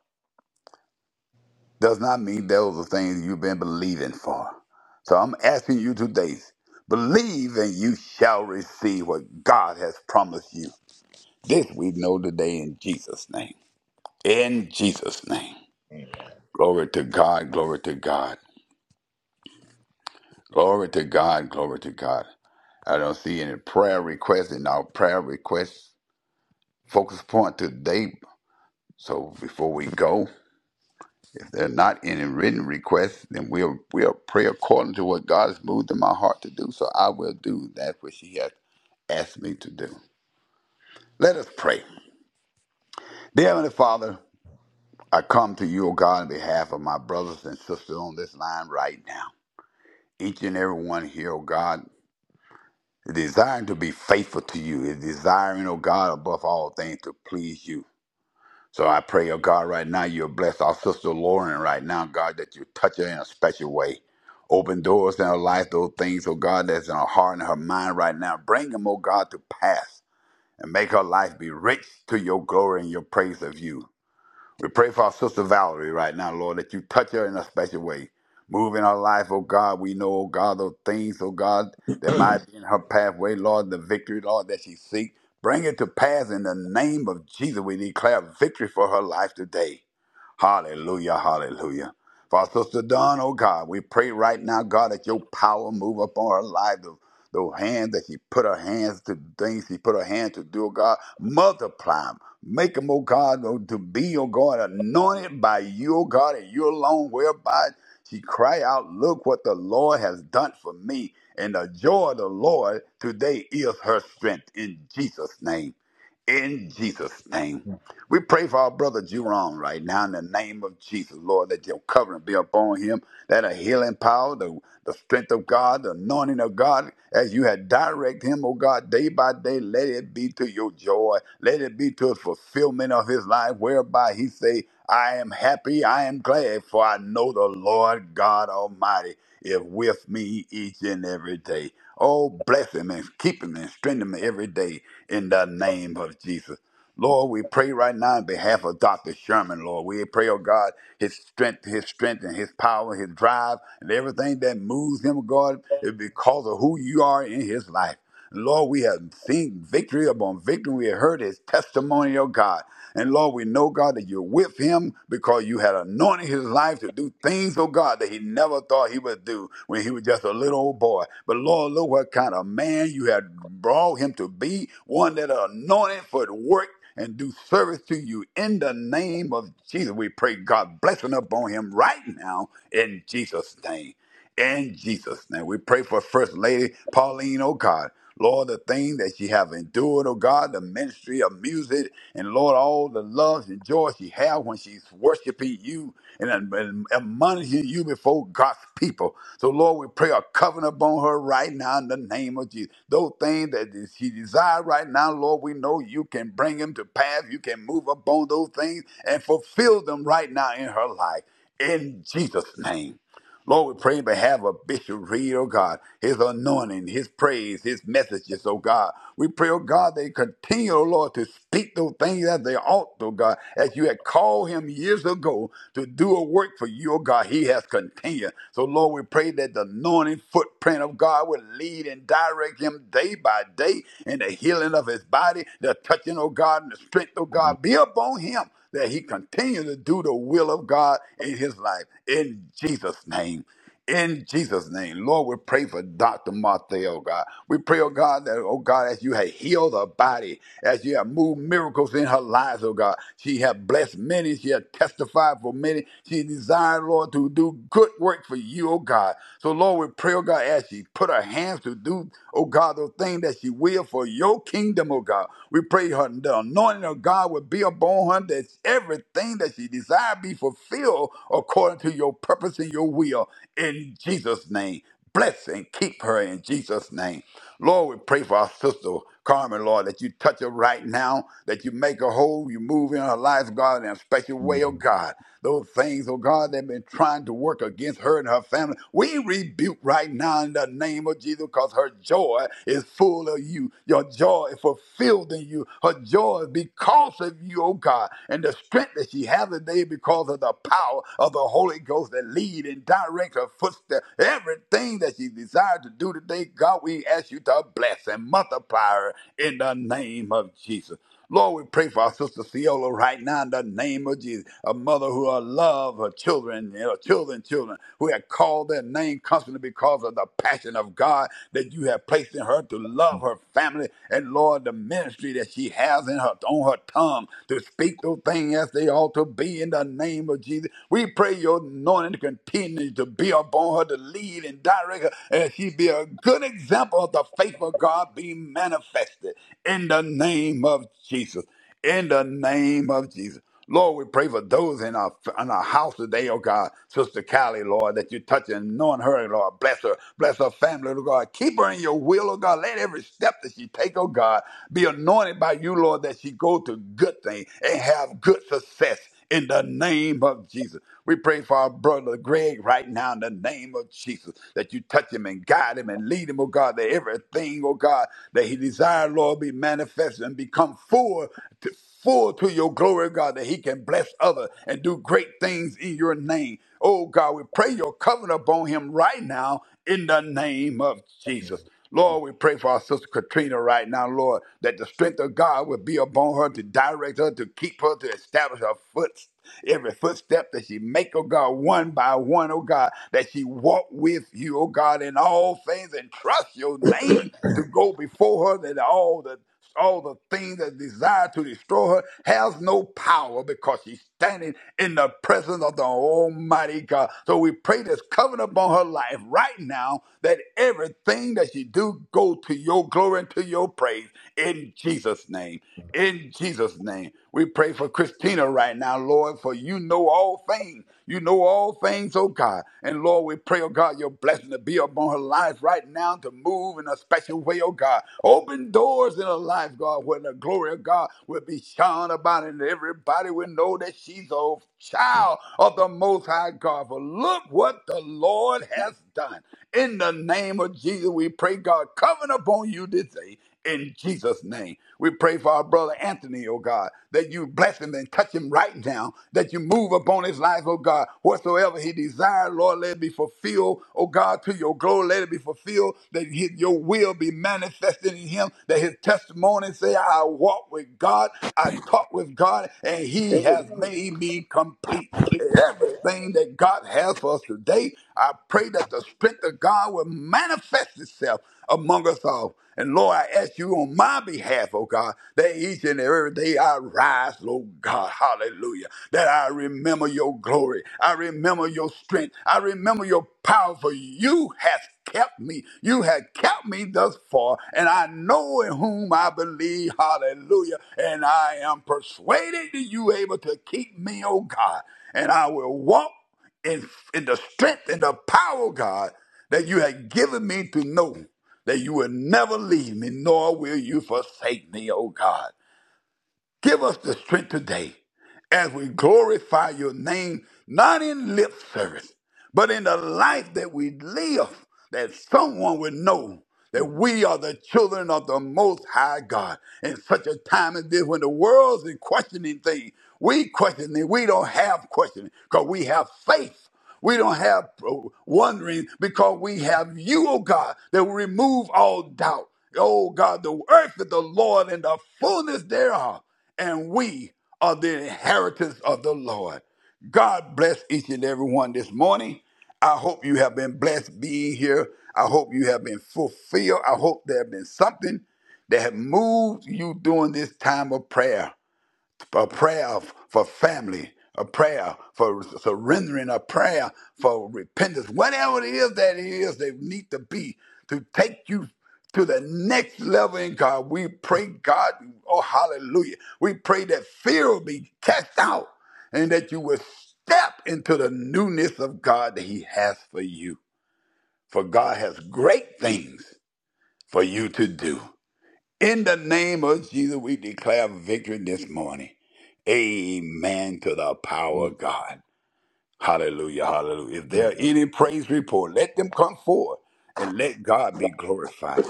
does not mean those are things you've been believing for. So I'm asking you today, believe and you shall receive what God has promised you. This we know today in Jesus' name. in Jesus' name. Glory to God, glory to God, glory to God, glory to God. I don't see any prayer requests in our prayer request focus point today. So before we go, if there are not any written requests, then we'll we'll pray according to what God has moved in my heart to do. So I will do that which He has asked me to do. Let us pray. Dear Heavenly Father, I come to you, O God, on behalf of my brothers and sisters on this line right now. Each and every one here, O God, desiring to be faithful to you, is desiring, oh God, above all things to please you. So I pray, oh God, right now you'll bless our sister Lauren right now, God, that you touch her in a special way. Open doors in her life, those things, oh God, that's in her heart and her mind right now. Bring them, oh God, to pass and make her life be rich to your glory and your praise of you. We pray for our sister Valerie right now, Lord, that you touch her in a special way. Move in her life, oh God. We know, oh God, those things, oh God, that might be in her pathway, Lord, the victory, Lord, that she seeks. Bring it to pass in the name of Jesus. We declare victory for her life today. Hallelujah, hallelujah. For our sister Dawn, oh God, we pray right now, God, that your power move upon her life. The, the hand that she put her hands to things, she put her hand to do, oh God, multiply them. Make them, oh God, oh, to be, oh God, anointed by you, oh God, and you alone, whereby she cry out, look what the Lord has done for me. And the joy of the Lord today is her strength in Jesus' name. In Jesus' name. We pray for our brother Jerome right now in the name of Jesus, Lord, that your covering be upon him, that a healing power, the, the strength of God, the anointing of God, as you had direct him, oh God, day by day, let it be to your joy. Let it be to a fulfillment of his life, whereby he say, I am happy, I am glad, for I know the Lord God Almighty is with me each and every day. Oh, bless him and keep him and strengthen him every day in the name of Jesus. Lord, we pray right now on behalf of Dr. Sherman, Lord. We pray, oh God, his strength, his strength and his power, his drive, and everything that moves him, God, is because of who you are in his life. Lord, we have seen victory upon victory. We have heard his testimony, oh God. And Lord, we know, God, that you're with him because you had anointed his life to do things, oh God, that he never thought he would do when he was just a little old boy. But Lord, look what kind of man you had brought him to be, one that anointed for the work and do service to you in the name of Jesus. We pray God blessing upon him right now in Jesus' name. In Jesus' name, we pray for First Lady Pauline, oh God. Lord, the thing that she have endured, oh God, the ministry of music, and Lord, all the love and joy she have when she's worshiping you and, and admonishing you before God's people. So, Lord, we pray a covenant upon her right now in the name of Jesus. Those things that she desires right now, Lord, we know you can bring them to pass. You can move upon those things and fulfill them right now in her life. In Jesus' name. Lord, we pray on behalf of Bishop Reed, oh God, his anointing, his praise, his messages, oh God. We pray, oh God, they continue, oh Lord, to speak those things as they ought, oh God, as you had called him years ago to do a work for you, oh God. He has continued. So, Lord, we pray that the anointing footprint of God will lead and direct him day by day in the healing of his body, the touching of God, and the strength of God be upon him that he continue to do the will of God in his life. In Jesus' name. In Jesus' name, Lord, we pray for Dr. Martha, oh God. We pray, oh God, that, oh God, as you have healed her body, as you have moved miracles in her lives, oh God. She have blessed many, she have testified for many. She desired, Lord, to do good work for you, oh God. So, Lord, we pray, oh God, as she put her hands to do, oh God, those things that she will for your kingdom, oh God. We pray her the anointing of God will be upon her that everything that she desire be fulfilled according to your purpose and your will in Jesus' name. Bless and keep her in Jesus' name. Lord, we pray for our sister Carmen, Lord, that you touch her right now, that you make her whole, you move in her life, God, in a special way, oh God. Those things, oh God, that have been trying to work against her and her family, we rebuke right now in the name of Jesus because her joy is full of you. Your joy is fulfilled in you. Her joy is because of you, oh God, and the strength that she has today because of the power of the Holy Ghost that lead and direct her footsteps. Everything that she desire to do today, God, we ask you to bless and multiply her in the name of Jesus. Lord, we pray for our sister Ciola right now in the name of Jesus. A mother who will love her children, and her children, children, who have called their name constantly because of the passion of God that you have placed in her to love her family and Lord, the ministry that she has in her on her tongue to speak those things as they ought to be in the name of Jesus. We pray your anointing to continue to be upon her to lead and direct her, and she be a good example of the faith of God being manifested in the name of Jesus. In the name of Jesus. Lord, we pray for those in our in our house today, oh God, Sister Callie, Lord, that you touch and anoint her, Lord. Bless her, bless her family, oh God. Keep her in your will, oh God. Let every step that she take, oh God, be anointed by you, Lord, that she go to good things and have good success in the name of Jesus. We pray for our brother Greg right now in the name of Jesus that you touch him and guide him and lead him, oh God, that everything, oh God, that he desires, Lord, be manifested and become full to, full to your glory, God, that he can bless others and do great things in your name. Oh God, we pray your covenant upon him right now in the name of Yeah. Jesus. Please. Lord, we pray for our sister Katrina right now, Lord, that the strength of God would be upon her to direct her, to keep her, to establish her foot. Every footstep that she make, oh God, one by one, oh God, that she walk with you, oh God, in all things and trust your name to go before her that all the all the things that desire to destroy her has no power because she's standing in the presence of the Almighty God. So we pray this covenant upon her life right now that everything that she do go to your glory and to your praise in Jesus' name. In Jesus' name, we pray for Christina right now, Lord, for you know all things. You know all things, oh God. And Lord, we pray, oh God, your blessing to be upon her life right now to move in a special way, oh God. Open doors in her life, God, where the glory of God will be shone about, and everybody will know that she's a child of the Most High God. For look what the Lord has done. In the name of Jesus, we pray, God, coming upon you this day. In Jesus' name, we pray for our brother Anthony, oh God, that you bless him and touch him right now, that you move upon his life, oh God, whatsoever he desires, Lord, let it be fulfilled, oh God, to your glory, let it be fulfilled, that his, your will be manifested in him, that his testimony say, I walk with God, I talk with God, and he has made me complete everything that God has for us today. I pray that the strength of God will manifest itself among us all. And Lord, I ask you on my behalf, oh God, that each and every day I rise, Lord God, hallelujah, that I remember your glory. I remember your strength. I remember your power, for you have kept me. You have kept me thus far, and I know in whom I believe, hallelujah, and I am persuaded that you are able to keep me, oh God and I will walk in, in the strength and the power, God, that you have given me to know that you will never leave me, nor will you forsake me, oh God. Give us the strength today as we glorify your name, not in lip service, but in the life that we live, that someone would know that we are the children of the Most High God. In such a time as this, when the world's in questioning things, we question it. We don't have questioning because we have faith. We don't have wondering because we have you, oh God, that will remove all doubt. Oh God, the earth is the Lord and the fullness thereof, and we are the inheritance of the Lord. God bless each and every one this morning. I hope you have been blessed being here. I hope you have been fulfilled. I hope there have been something that have moved you during this time of prayer a prayer for family, a prayer for surrendering, a prayer for repentance, whatever it is that it is they need to be to take you to the next level in God. We pray, God, oh hallelujah. We pray that fear will be cast out and that you will step into the newness of God that He has for you. For God has great things for you to do. In the name of Jesus, we declare victory this morning. Amen to the power of God. Hallelujah, hallelujah. If there are Amen. any praise report, let them come forward and let God be glorified.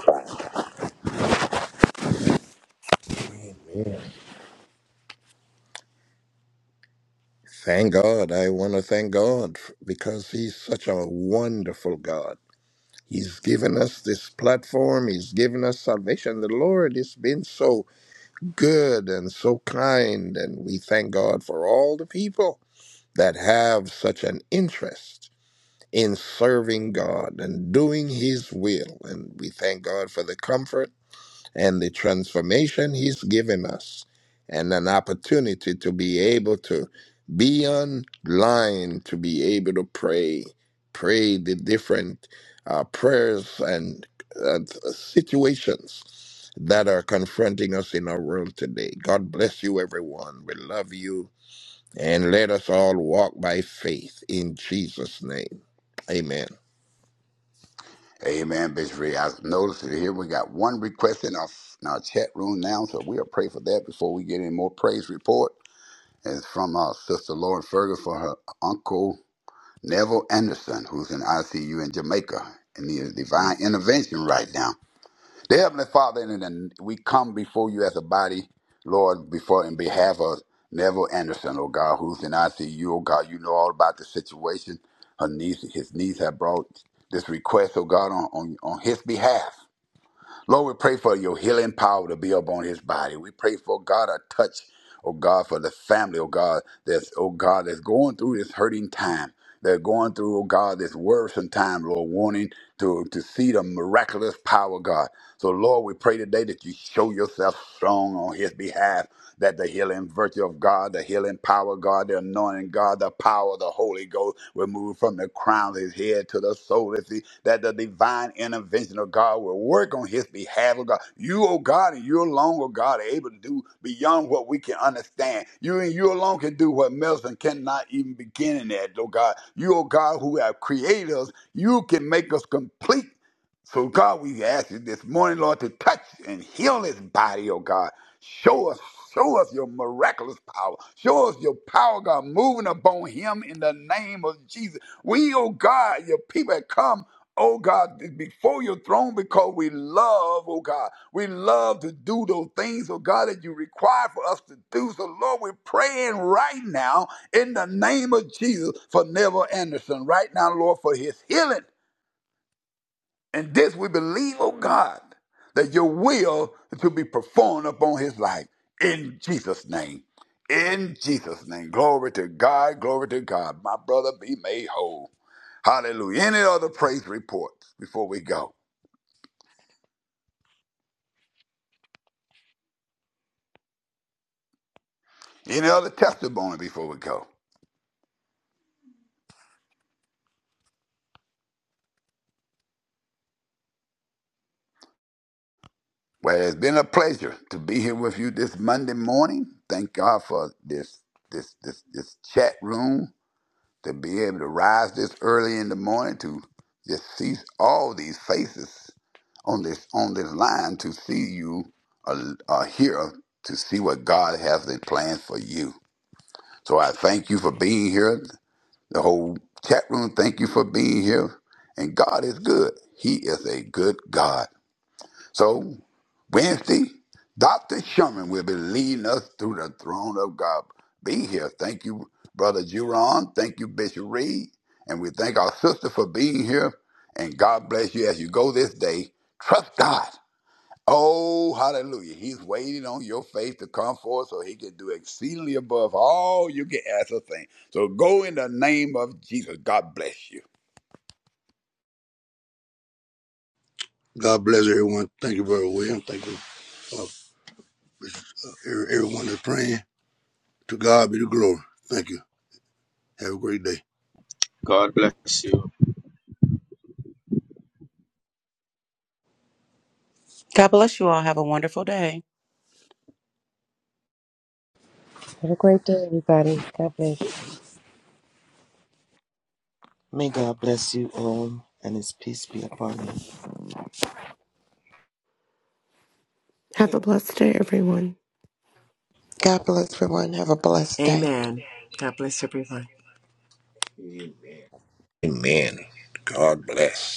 Thank God. I want to thank God f- because He's such a wonderful God. He's given us this platform, He's given us salvation. The Lord has been so good and so kind, and we thank God for all the people that have such an interest in serving God and doing His will. And we thank God for the comfort and the transformation He's given us, and an opportunity to be able to be online, to be able to pray, pray the different uh, prayers and uh, situations that are confronting us in our world today. God bless you, everyone. We love you. And let us all walk by faith in Jesus' name. Amen. Amen, Bishop Reed. I noticed that here we got one request in our, in our chat room now, so we'll pray for that before we get any more praise report. It's from our sister Lauren Fergus for her uncle Neville Anderson, who's in ICU in Jamaica and needs Mm. divine intervention right now. Dear Heavenly Father, and then we come before you as a body, Lord, before in behalf of Neville Anderson, oh God, who's in ICU, oh God, you know all about the situation. Her niece, his niece have brought this request, oh God, on, on, on his behalf. Lord, we pray for your healing power to be upon his body. We pray for God a touch, oh God, for the family, oh God, that's oh God, that's going through this hurting time. They're going through, oh God, this worrisome time, Lord, wanting to, to see the miraculous power, God. So, Lord, we pray today that you show yourself strong on his behalf that the healing virtue of God, the healing power of God, the anointing God, the power of the Holy Ghost will move from the crown of his head to the sole of his feet, that the divine intervention of God will work on his behalf, oh God. You, oh God, and you alone, oh God, are able to do beyond what we can understand. You and you alone can do what Melson cannot even begin in that, oh God. You, oh God, who have created us, you can make us complete so, God, we ask you this morning, Lord, to touch and heal his body, oh God. Show us, show us your miraculous power. Show us your power, God, moving upon him in the name of Jesus. We, oh God, your people have come. Oh God, before your throne, because we love, oh God, we love to do those things, oh God, that you require for us to do. So, Lord, we're praying right now in the name of Jesus for Neville Anderson, right now, Lord, for his healing and this we believe, oh God, that your will is to be performed upon his life in Jesus' name. In Jesus' name. Glory to God, glory to God. My brother be made whole. Hallelujah. Any other praise reports before we go? Any other testimony before we go? Well, it's been a pleasure to be here with you this Monday morning. Thank God for this this this this chat room. to be able to rise this early in the morning to just see all these faces on this on this line to see you uh, uh, here to see what God has in plan for you. So I thank you for being here. The whole chat room, thank you for being here. And God is good. He is a good God. So, Wednesday, Dr. Sherman will be leading us through the throne of God. Be here. Thank you, Brother Juron. Thank you, Bishop Reed. And we thank our sister for being here. And God bless you as you go this day. Trust God. Oh, hallelujah. He's waiting on your faith to come forth so he can do exceedingly above all you can ask or think. So go in the name of Jesus. God bless you. God bless everyone. Thank you, Brother William. Thank you, uh, everyone that's praying. To God be the glory. Thank you. Have a great day. God bless you. God bless you all. Have a wonderful day. Have a great day, everybody. God bless. May God bless you all and his peace be upon you. Have a blessed day, everyone. God bless everyone. Have a blessed day. Amen. God bless everyone. Amen. God bless.